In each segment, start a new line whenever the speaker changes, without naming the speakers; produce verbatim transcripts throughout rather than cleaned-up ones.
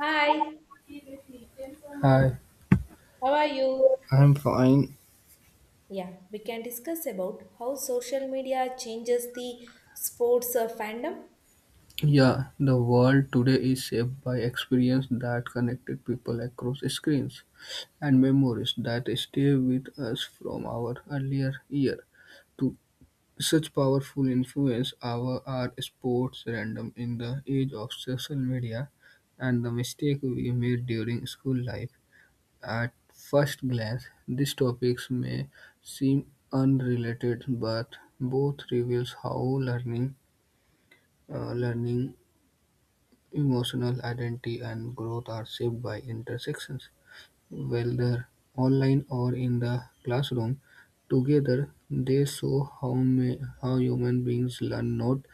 Hi,
Hi,
how are you?
I'm fine.
Yeah, we can discuss about how social media changes the sports uh, fandom.
Yeah, the world today is shaped by experience that connected people across screens and memories that stay with us from our earlier year. To such powerful influence our our sports random in the age of social media and the mistake we made during school life. At first glance, these topics may seem unrelated, but both reveals how learning Uh, learning, emotional identity, and growth are shaped by intersections, whether online or in the classroom. Together, they show how may, how human beings learn not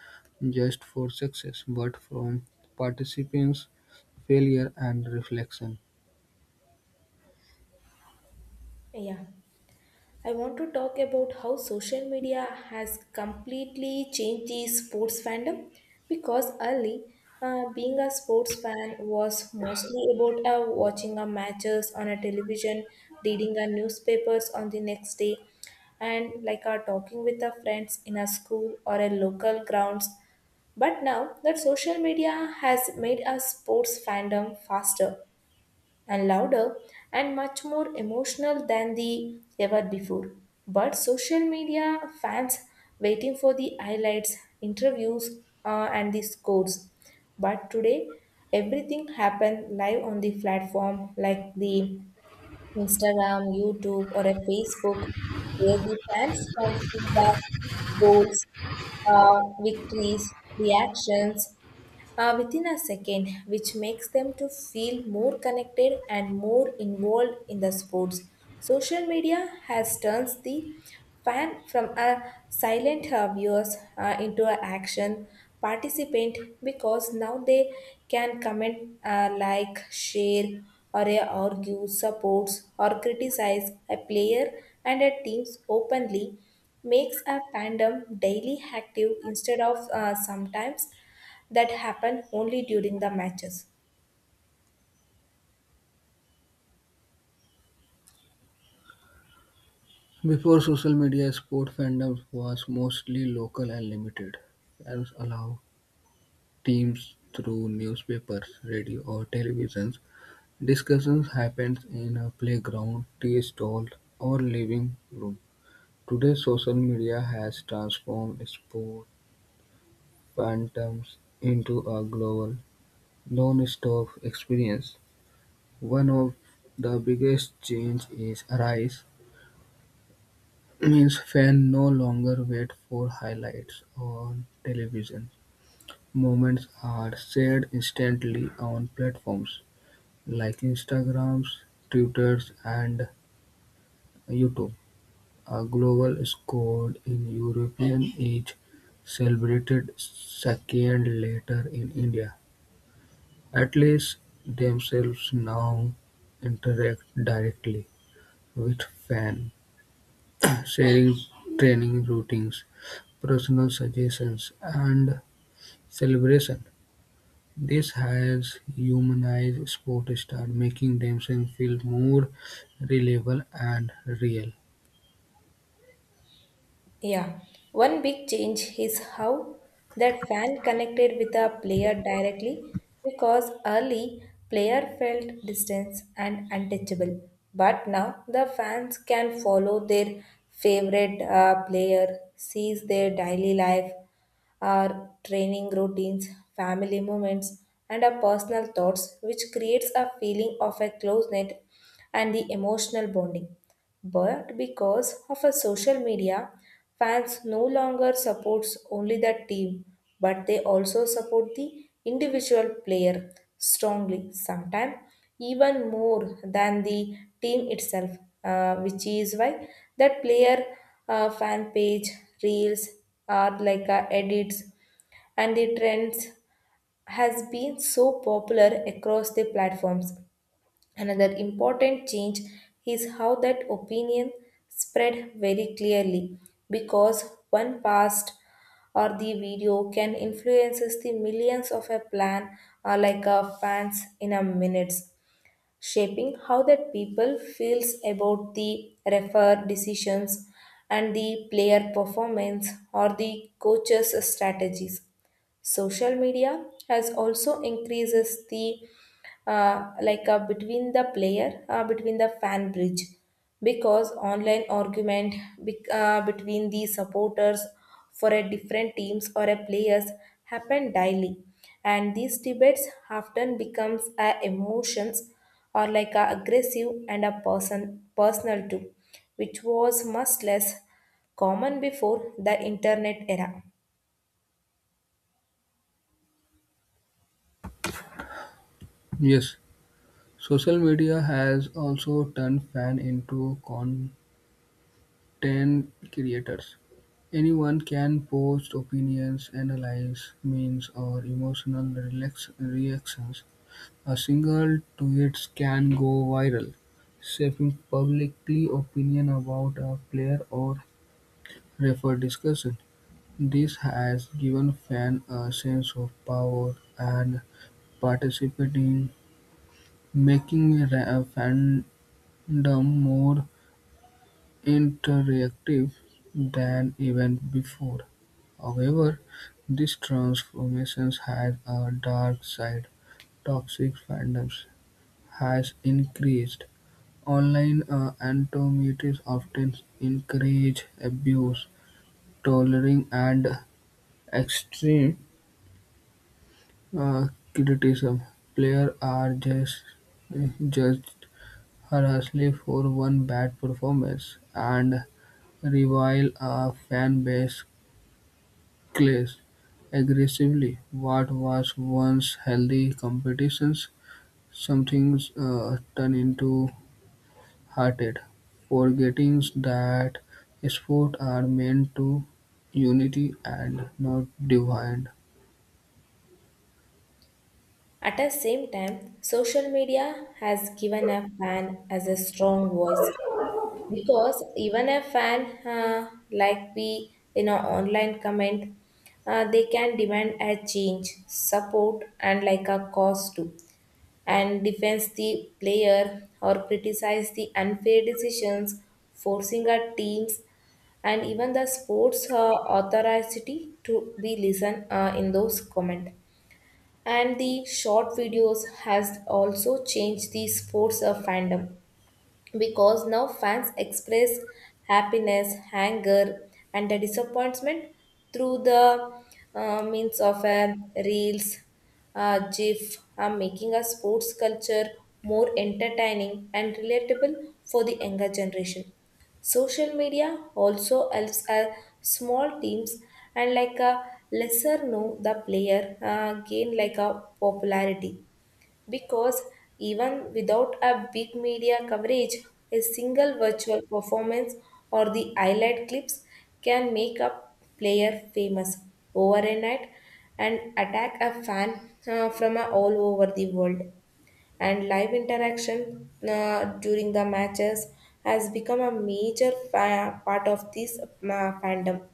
just for success but from participants, failure, and reflection.
Yeah, I want to talk about how social media has completely changed the sports fandom because early uh, being a sports fan was mostly about uh, watching a matches on a television, reading a newspapers on the next day, and like uh, talking with our friends in a school or a local grounds. But now that social media has made our sports fandom faster and louder and much more emotional than the ever before. But social media fans waiting for the highlights, interviews, uh, and the scores. But today, everything happens live on the platform like the Instagram, YouTube, or a Facebook, where the fans can see goals, uh, victories, reactions, uh, within a second, which makes them to feel more connected and more involved in the sports. Social media has turns the fan from a silent uh, viewers uh, into an action participant because now they can comment, uh, like, share, or uh, argue, supports, or criticize a player and a teams openly makes a fandom daily active instead of uh, sometimes that happen only during the matches.
Before social media, sport fandom was mostly local and limited. Fans allow teams through newspapers, radio, or televisions. Discussions happened in a playground, tea stall, or living room. Today social media has transformed sport fandoms into a global, non-stop experience. One of the biggest change is rise means fans no longer wait for highlights on television. Moments are shared instantly on platforms like Instagrams, Twitters, and YouTube. A Global scored in European is celebrated second, later in India. Athletes themselves now interact directly with fans, sharing training routines, personal suggestions, and celebration. This has humanized sport stars, making themselves feel more reliable and real.
Yeah, one big change is how that fan connected with a player directly because early player felt distance and untouchable, but now the fans can follow their favorite uh, player, sees their daily life, our training routines, family moments, and our personal thoughts, which creates a feeling of a close knit and the emotional bonding. But because of a social media, fans no longer supports only the team, but they also support the individual player strongly, sometimes even more than the team itself, uh, which is why that player uh, fan page, reels, are like uh, edits and the trends has been so popular across the platforms. Another important change is how that opinion spread very clearly because one past or the video can influences the millions of a plan or like a fans in a minutes shaping how that people feels about the refer decisions and the player performance or the coach's strategies. Social media has also increases the uh, like uh, between the player uh, between the fan bridge because online argument bec- uh, between the supporters for a different teams or a players happen daily and these debates often becomes a emotions or like a aggressive and a person personal too, which was much less common before the internet era.
Yes. Social media has also turned fans into content creators. Anyone can post opinions, analyze memes, or emotional relax- reactions. A single tweet can go viral, shaping publicly opinion about a player or refer discussion. This has given fans a sense of power and participating, making ra- fandom more interactive than even before. However, these transformations had a dark side. Toxic fandoms has increased. Online uh, anonymity often encourage abuse, tolerance, and extreme uh, criticism. Players are just judged harshly for one bad performance and revile a fan base clash aggressively what was once healthy competitions, sometimes uh, turns into heated, forgetting that sports are meant to unity and not divide.
At the same time, social media has given a fan as a strong voice because even a fan uh, like we in an online comment, uh, they can demand a change, support, and like a cause too, and defends the player or criticize the unfair decisions, forcing our teams and even the sports uh, authority to be listened uh, in those comment. And the short videos has also changed the sports of fandom because now fans express happiness, anger, and the disappointment through the uh, means of a reels, uh, GIF, uh, making a sports culture more entertaining and relatable for the younger generation. Social media also helps uh, small teams and like a lesser know the player uh, gain like a popularity because even without a big media coverage, a single virtual performance or the highlight clips can make a player famous overnight and attack a fan uh, from uh, all over the world. And live interaction uh, during the matches has become a major fa- part of this uh, fandom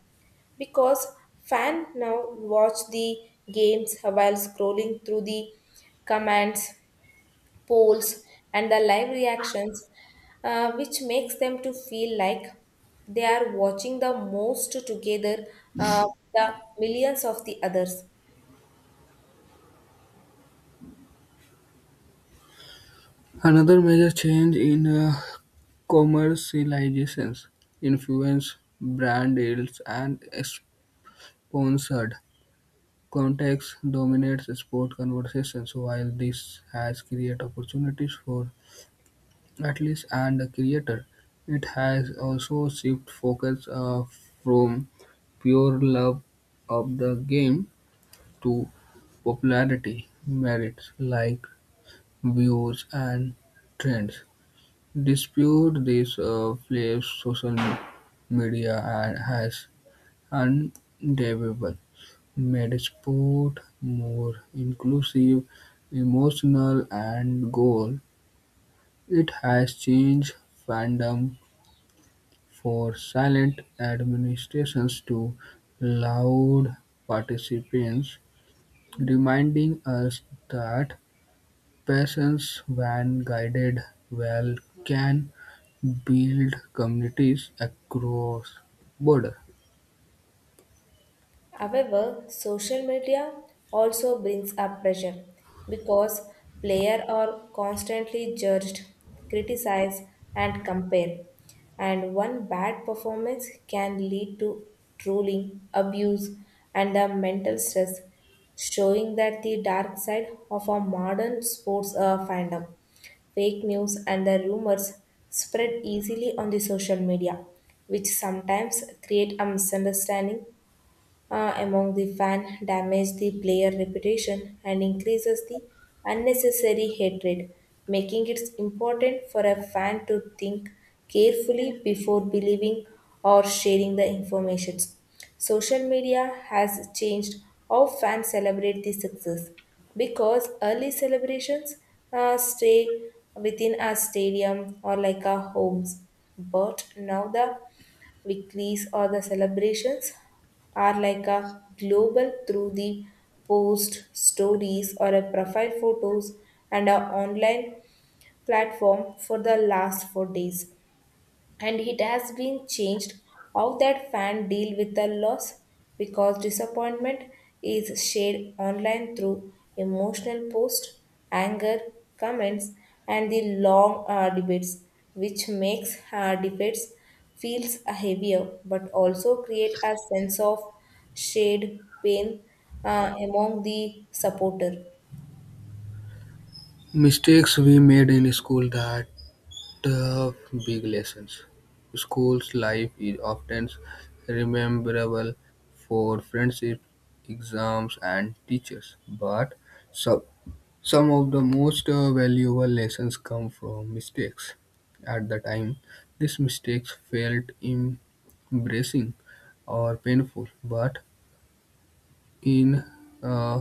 because fan now watch the games while scrolling through the comments, polls, and the live reactions, uh, which makes them to feel like they are watching the most together uh, with the millions of the others.
Another major change in uh, commercializations influence brand deals and sponsored contacts dominates sport conversations while this has created opportunities for at least and the creator. It has also shifted focus uh, from pure love of the game to popularity merits like views and trends. Dispute this uh, flares social media and has undeniable made sport more inclusive, emotional, and goal. It has changed fandom For silent administrations to loud participants, reminding us that patience when guided well can build communities across border.
However, social media also brings up pressure because players are constantly judged, criticized, and compared. And one bad performance can lead to trolling, abuse, and the mental stress, showing that the dark side of our modern sports uh, fandom. Fake news and the rumors spread easily on the social media, which sometimes create a misunderstanding uh, among the fan damage the player reputation and increases the unnecessary hatred, making it important for a fan to think carefully before believing or sharing the information. Social media has changed how fans celebrate the success because early celebrations uh, stay within a stadium or like our homes. But now the weeklies or the celebrations are like a global through the post stories or a profile photos and a online platform for the last four days, and it has been changed how that fan deal with the loss because disappointment is shared online through emotional posts, anger, comments, and the long uh, debates, which makes uh, debates feels heavier but also create a sense of shared pain uh, among the supporter.
Mistakes we made in school that uh, big lessons. School's life is often rememberable for friendships, exams, and teachers, but some. Some of the most uh, valuable lessons come from mistakes. At the time, these mistakes felt embarrassing or painful, but in uh,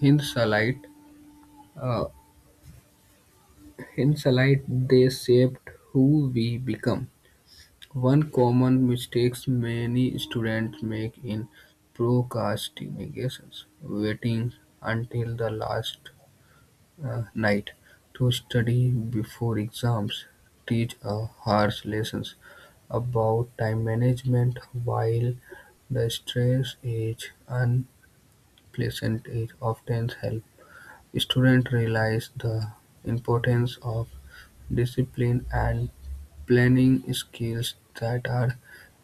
hindsight, uh, hindsight, they shaped who we become. One common mistakes many students make in procrastinations, waiting until the last uh, night, to study before exams, teach a harsh lessons about time management while the stress is unpleasant it often helps students realize the importance of discipline and planning skills that are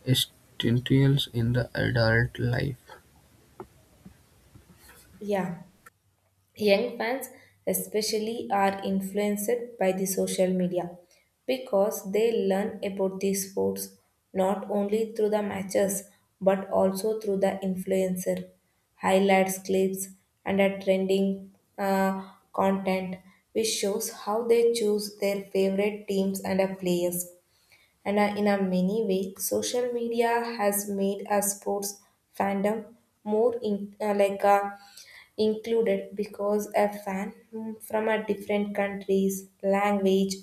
essential in the adult life.
Yeah, young fans, especially, are influenced by the social media because they learn about the sports not only through the matches but also through the influencer, highlights, clips, and a trending uh, content, which shows how they choose their favorite teams and uh, players. And uh, in a many way, social media has made a sports fandom more in, uh, like a included because a fan mm, from a different countries, language,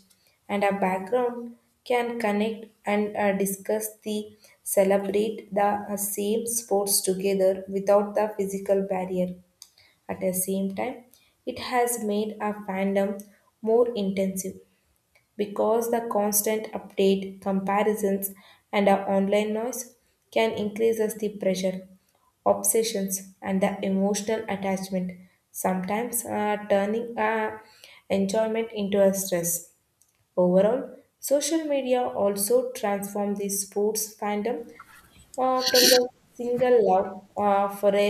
and a background can connect and uh, discuss the celebrate the uh, same sports together without the physical barrier. At the same time, it has made a fandom more intensive because the constant update, comparisons, and our online noise can increase us the pressure, obsessions, and the emotional attachment, sometimes uh, turning our enjoyment into a stress. Overall, social media also transform the sports fandom uh, from the single love uh, for a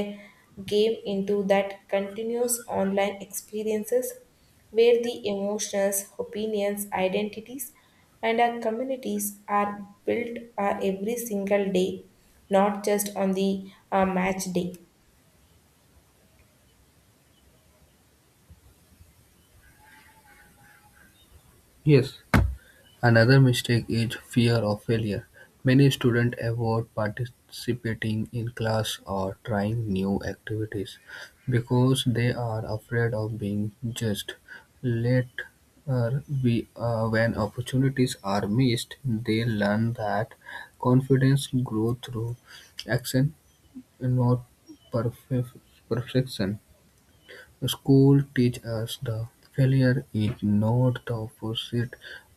game into that continuous online experiences where the emotions, opinions, identities, and our communities are built uh, every single day, not just on the uh, match day.
Yes, another mistake is fear of failure. Many students avoid participating in class or trying new activities because they are afraid of being judged. Later, we, uh, when opportunities are missed, they learn that confidence grows through action, not perf- perfection. School teach us that failure is not the opposite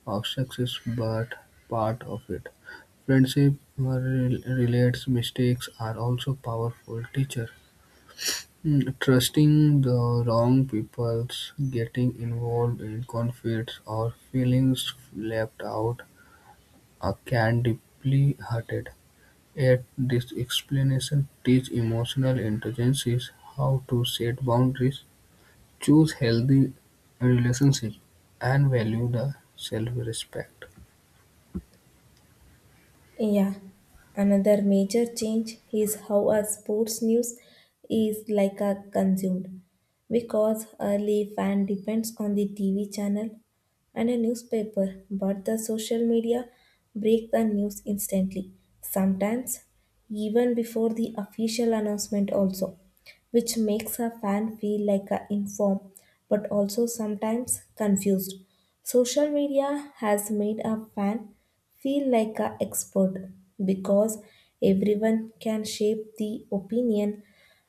of success but part of it. Friendship uh, re- relates mistakes are also powerful teacher. Mm, Trusting the wrong people, getting involved in conflicts, or feelings left out uh, can deeply hurt. Yet, this explanation teach emotional intelligence how to set boundaries. Choose healthy relationships and value the self-respect.
Yeah, another major change is how our sports news is like a consumed because early fan depends on the T V channel and a newspaper, but the social media break the news instantly, sometimes even before the official announcement also, which makes a fan feel like a informed but also sometimes confused. Social media has made a fan feel like a expert because everyone can shape the opinion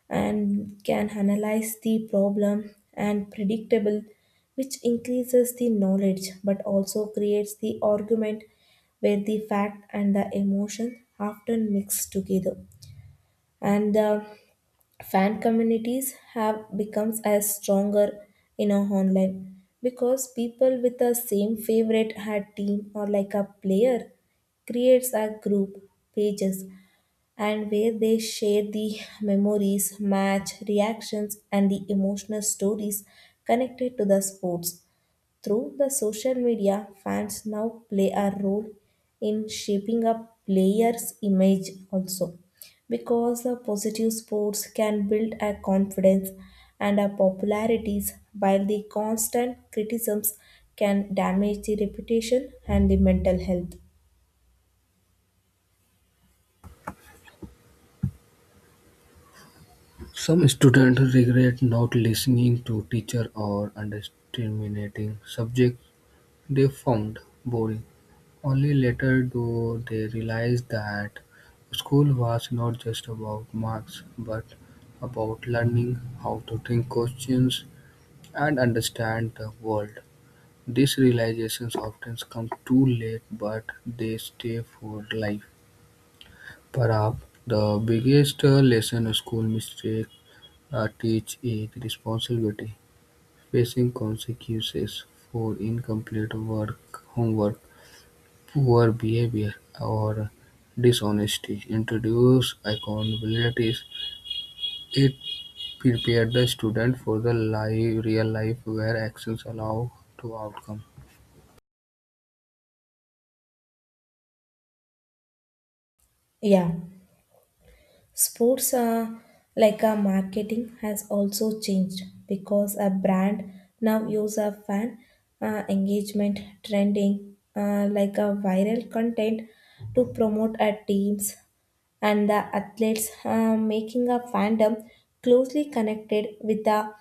and can analyze the problem and predictable, which increases the knowledge but also creates the argument where the fact and the emotion often mix together. And the fan communities have become as stronger in our online because people with the same favorite had team or like a player creates a group, pages, and where they share the memories, match reactions, and the emotional stories connected to the sports. Through the social media, fans now play a role in shaping a player's image also because the positive sports can build a confidence and a popularities while the constant criticisms can damage the reputation and the mental health.
Some students regret not listening to teacher or underestimating subjects they found boring. Only later do they realize that school was not just about marks but about learning how to think questions and understand the world. These realizations often come too late but they stay for life. Perhaps the biggest uh, lesson school mistakes uh, teach is responsibility, facing consequences for incomplete work, homework, poor behavior, or dishonesty. Introduce accountabilities. It prepared the student for the live, real life where actions allow to outcome.
Yeah, sports uh, like uh, marketing has also changed because a brand now use a fan uh, engagement trending uh, like a viral content to promote a teams and the athletes, uh, making a fandom closely connected with the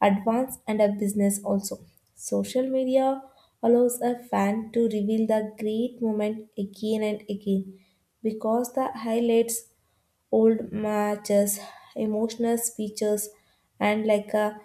advance and a business also. Social media allows a fan to reveal the great moment again and again because the highlights, old matches, emotional speeches, and like a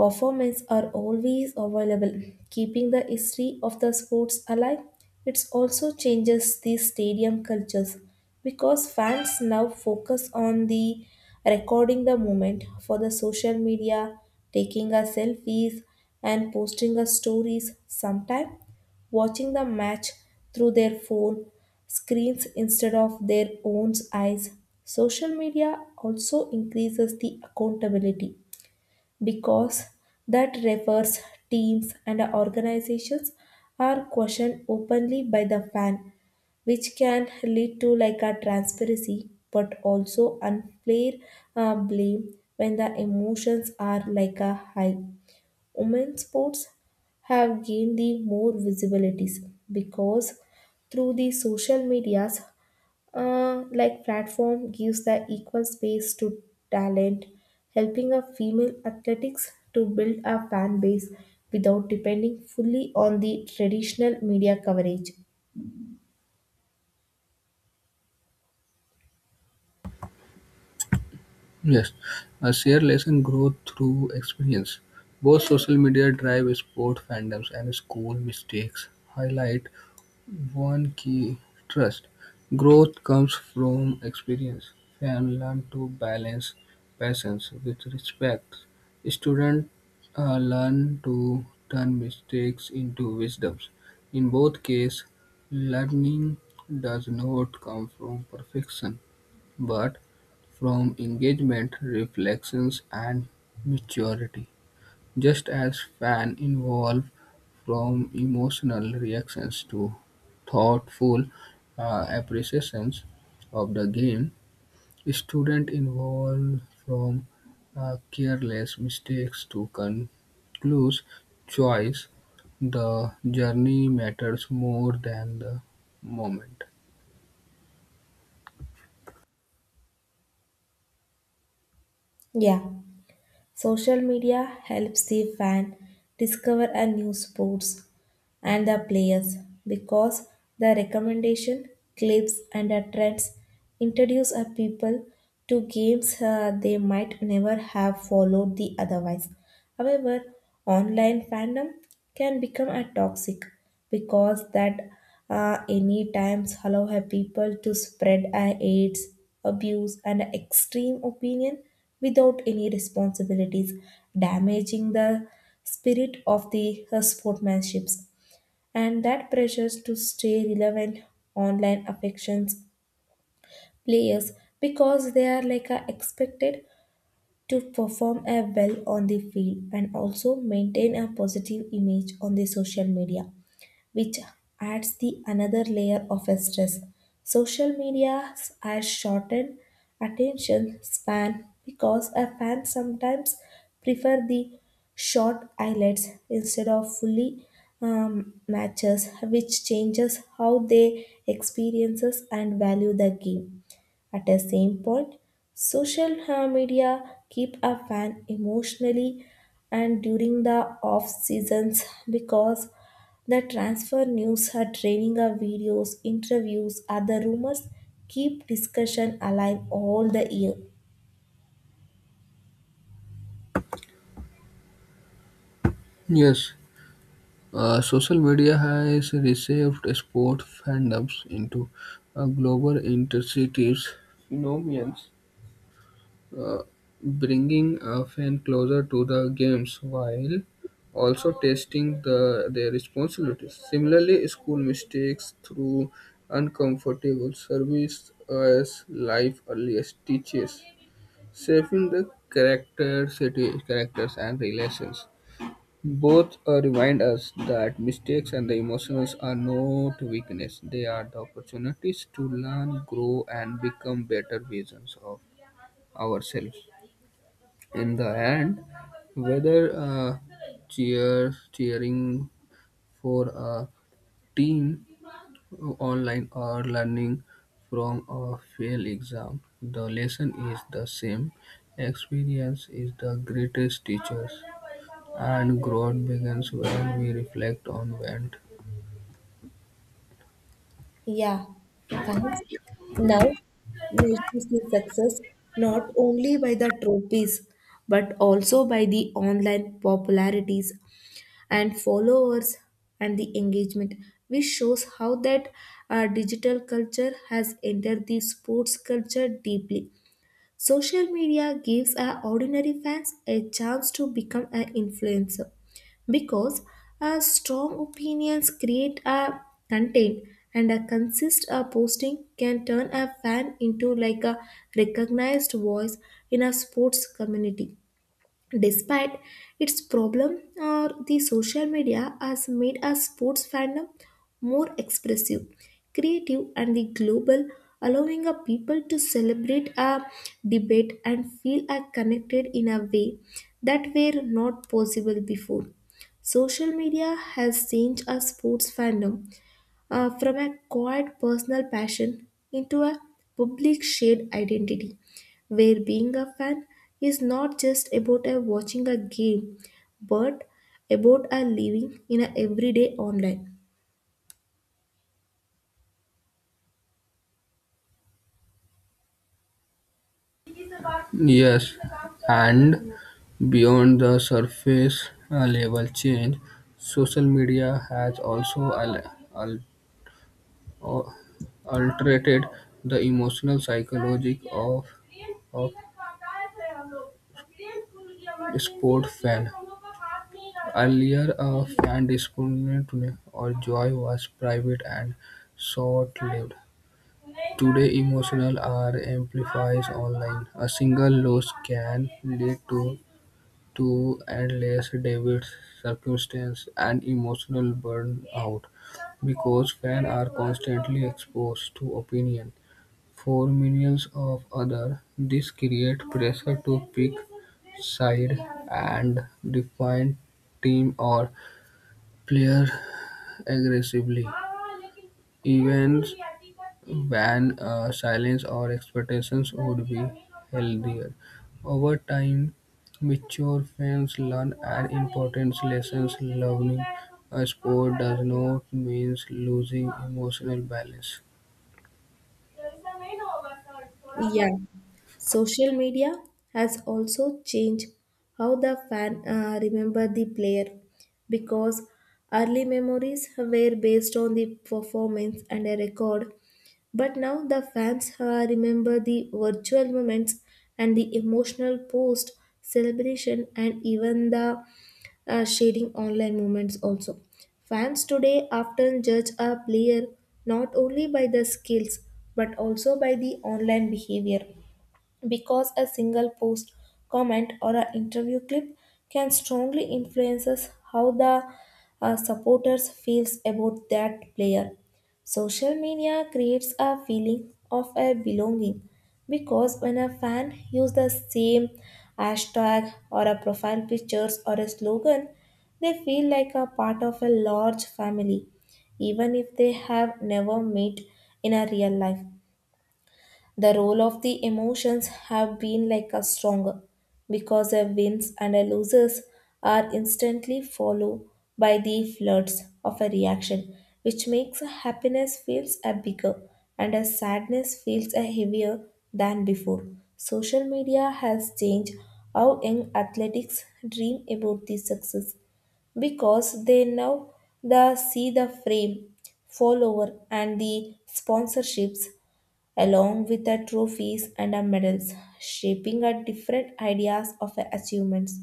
performance are always available, keeping the history of the sports alive. It also changes the stadium cultures because fans now focus on the recording the moment for the social media, taking a selfies and posting a stories sometime watching the match through their phone screens instead of their own eyes. Social media also increases the accountability because that refers, teams, and organizations are questioned openly by the fan, which can lead to like a transparency but also unfair uh, blame when the emotions are like a high. Women sports have gained the more visibilities because through the social medias, uh, like platform gives the equal space to talent, helping a female athletics to build a fan base without depending fully on the traditional media coverage.
Yes, a shared lesson grow through experience. Both social media drive sport fandoms and school mistakes highlight one key trust. Growth comes from experience. Fans learn to balance passions with respect. Students uh, learn to turn mistakes into wisdoms. In both cases, learning does not come from perfection but from engagement, reflections, and maturity, just as fans evolve from emotional reactions to thoughtful uh, appreciations of the game, students evolve from uh, careless mistakes to conclusive choice. The journey matters more than the moment.
Yeah, social media helps the fan discover a new sports and the players because the recommendation, clips, and the trends introduce a people to games uh, they might never have followed the otherwise. However, online fandom can become a toxic because that uh, any times allow a people to spread a aids, abuse, and extreme opinion without any responsibilities, damaging the spirit of the uh, sportsmanships. And that pressures to stay relevant online affections players because they are like a expected to perform a well on the field and also maintain a positive image on the social media, which adds the another layer of stress. Social media has shortened attention span because a fan sometimes prefer the short highlights instead of fully um, matches, which changes how they experiences and value the game. At the same point, social uh, media keep a fan emotionally and during the off seasons because the transfer news are training our videos, interviews, other rumors keep discussion alive all the year.
Yes, Uh, social media has reshaped sport fandoms into a global intercities phenomenons, uh, bringing a fan closer to the games while also testing the, their responsibilities. Similarly, school mistakes through uncomfortable service as life earliest teaches, shaping the character, city, characters and relations. Both uh, remind us that mistakes and the emotions are not weakness, they are the opportunities to learn, grow, and become better versions of ourselves. In the end, whether uh, cheer, cheering for a team online or learning from a failed exam. The lesson is the same. Experience is the greatest teacher, and growth begins when we reflect on what.
Yeah, fans now measures the success not only by the trophies but also by the online popularities and followers and the engagement which shows how that uh, digital culture has entered the sports culture deeply. Social media gives our ordinary fans a chance to become an influencer because our strong opinions create a content and a consist a posting can turn a fan into like a recognized voice in a sports community. Despite its problem, uh, the social media has made our sports fandom more expressive, creative, and the global, allowing our people to celebrate a debate and feel are connected in a way that were not possible before. Social media has changed our sports fandom uh, from a quiet personal passion into a public shared identity, where being a fan is not just about a watching a game, but about a living in a everyday online.
Yes, and beyond the surface uh, level change, social media has also al- al- or altered the emotional psychology of, of sport fan. Earlier, a fan disappointment or joy was private and short-lived. Today, emotion are amplified online; a single loss can lead to to endless debate, circumstance, and emotional burnout because fans are constantly exposed to opinion for millions of others. This creates pressure to pick side and define team or player aggressively, even when uh, silence or expectations would be healthier. Over time, mature fans learn an important lesson: learning a sport does not mean losing emotional balance.
Yeah, social media has also changed how the fan uh, remember the player because early memories were based on the performance and a record. But now the fans uh, remember the virtual moments and the emotional post celebration and even the uh, sharing online moments also. Fans today often judge a player not only by the skills but also by the online behavior because a single post, comment, or an interview clip can strongly influences how the uh, supporters feels about that player. Social media creates a feeling of a belonging because when a fan use the same hashtag or a profile pictures or a slogan, they feel like a part of a large family, even if they have never met in a real life. The role of the emotions have been like a stronger because a wins and a losses are instantly followed by the floods of a reaction which makes a happiness feels a bigger and a sadness feels a heavier than before. Social media has changed how young athletics dream about the success because they now the see the frame follower and the sponsorships along with the trophies and the medals, shaping our different ideas of our achievements.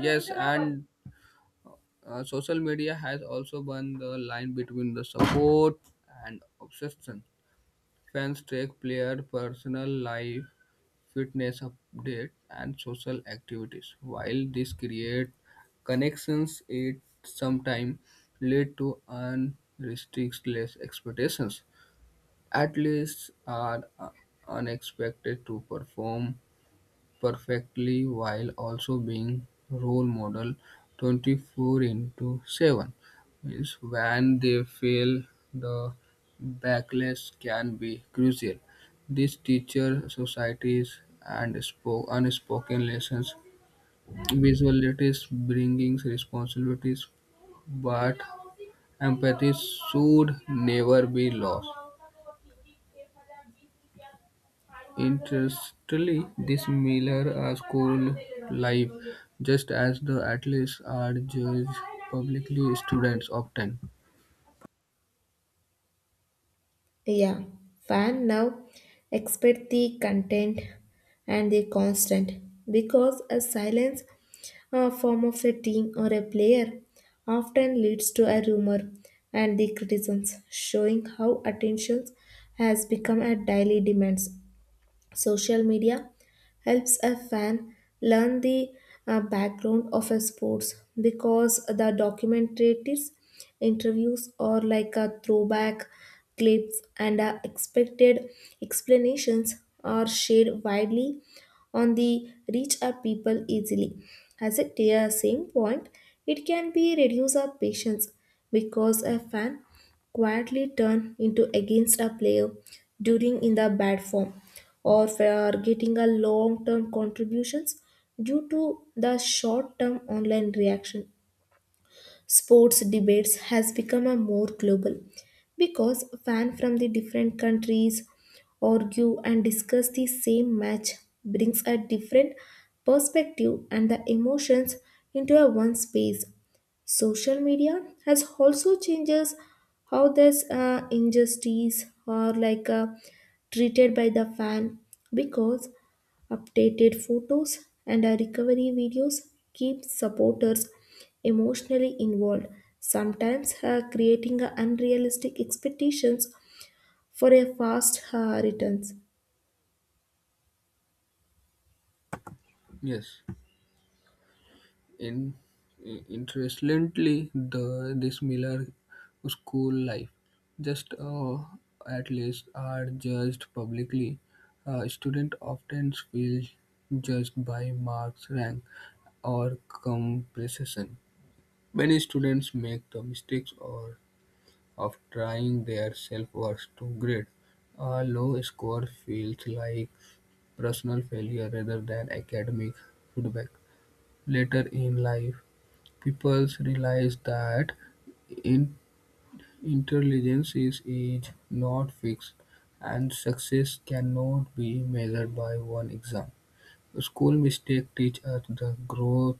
Yes, and uh, social media has also burned the line between the support and obsession. Fans track player personal life, fitness updates, and social activities. While this creates connections, it sometimes leads to unrestricted expectations. Athletes are uh, unexpected to perform perfectly while also being role model twenty four into seven means when they fail the backlash can be crucial this teacher societies and spoke unspoken lessons visualities bringing responsibilities but empathy should never be lost. Interestingly, these Miller are school life, just as the athletes are judged publicly, students often.
Yeah, fan now expect the content and the constant because a silence uh, form of a team or a player often leads to a rumor and the criticisms showing how attention has become a daily demand. Social media helps a fan learn the uh, background of a sports because the documentaries, interviews, or like a throwback clips and uh, expected explanations are shared widely on the reach our people easily. As a dear same point, it can be reduce our patience because a fan quietly turn into against a player during in the bad form or for getting a long term contributions due to the short term online reaction. Sports debates has become a more global because fans from the different countries argue and discuss the same match brings a different perspective and the emotions into a one space. Social media has also changes how this uh, injustice are like uh, treated by the fan because updated photos and uh, recovery videos keep supporters emotionally involved, sometimes uh, creating uh, unrealistic expectations for a fast uh, returns.
Yes. In, Interestingly, the this Miller school life, just uh, at least, are judged publicly. Uh, students often feel judged by marks, rank, or compression. Many students make the mistakes or of trying their self-worth to grade. A low score feels like personal failure rather than academic feedback. Later in life, people realize that in- intelligence is, is not fixed, and success cannot be measured by one exam. School mistakes teach us the growth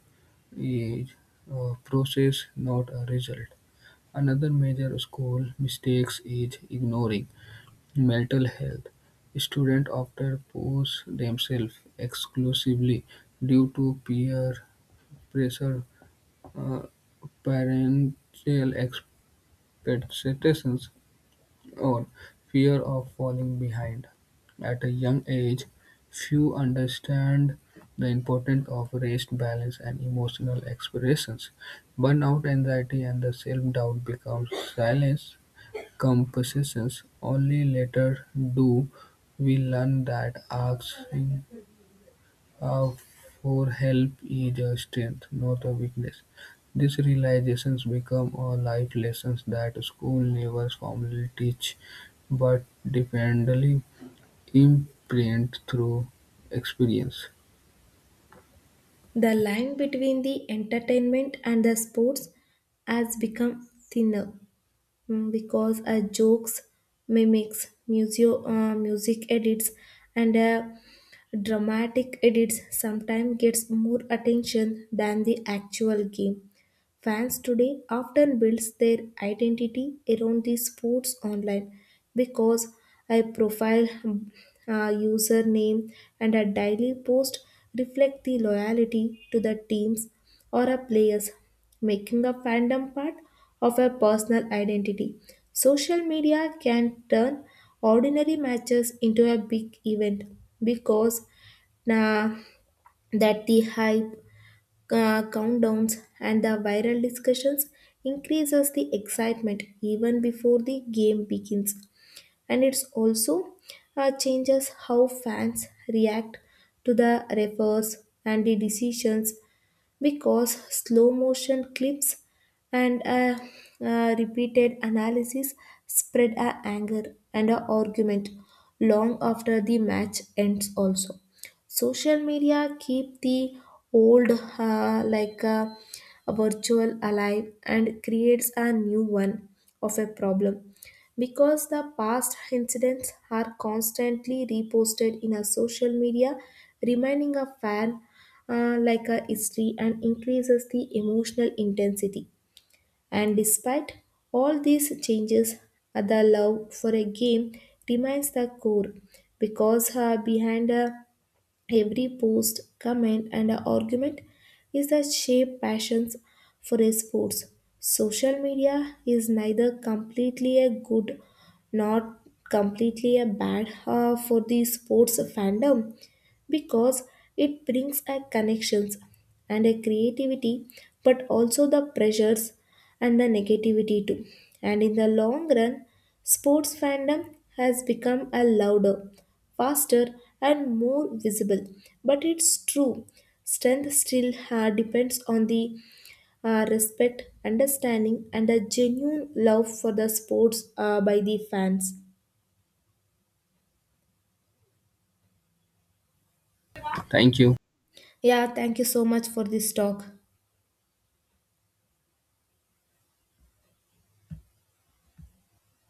is a process, not a result. Another major school mistakes is ignoring mental health. Students often push themselves exclusively due to peer pressure uh, Parental expectations or fear of falling behind. At a young age, few understand the importance of rest, balance, and emotional expressions. Burnout, anxiety, and the self-doubt become silence compositions. Only later do we learn that asking uh, for help is a strength, not a weakness. These realizations become a life lessons that school never formally teach, but dependably imprint through experience.
The line between the entertainment and the sports has become thinner mm, because a jokes mimics museo, uh, music edits and a dramatic edits sometimes gets more attention than the actual game. Fans today often builds their identity around the sports online because a profile, a username, and a daily post reflect the loyalty to the teams or a players, making a fandom part of a personal identity. Social media can turn ordinary matches into a big event because uh, that the hype uh, countdowns and the viral discussions increases the excitement even before the game begins and it's also uh, changes how fans react to the refers and the decisions because slow motion clips and a, uh, repeated analysis spread a anger and a argument long after the match ends also. Social media keep the old uh, like uh, a virtual alive and creates a new one of a problem because the past incidents are constantly reposted in a social media, reminding a fan uh, like a history and increases the emotional intensity. And despite all these changes, uh, the love for a game remains the core because uh, behind a every post, comment, and argument is the shape passions for his sports. Social media is neither completely a good nor completely a bad uh, for the sports fandom because it brings a connections and a creativity but also the pressures and the negativity too, and in the long run sports fandom has become a louder, faster, and more visible. But it's true, strength still uh, depends on the uh, respect, understanding, and a genuine love for the sports uh, by the fans.
Thank you.
Yeah, thank you so much for this talk.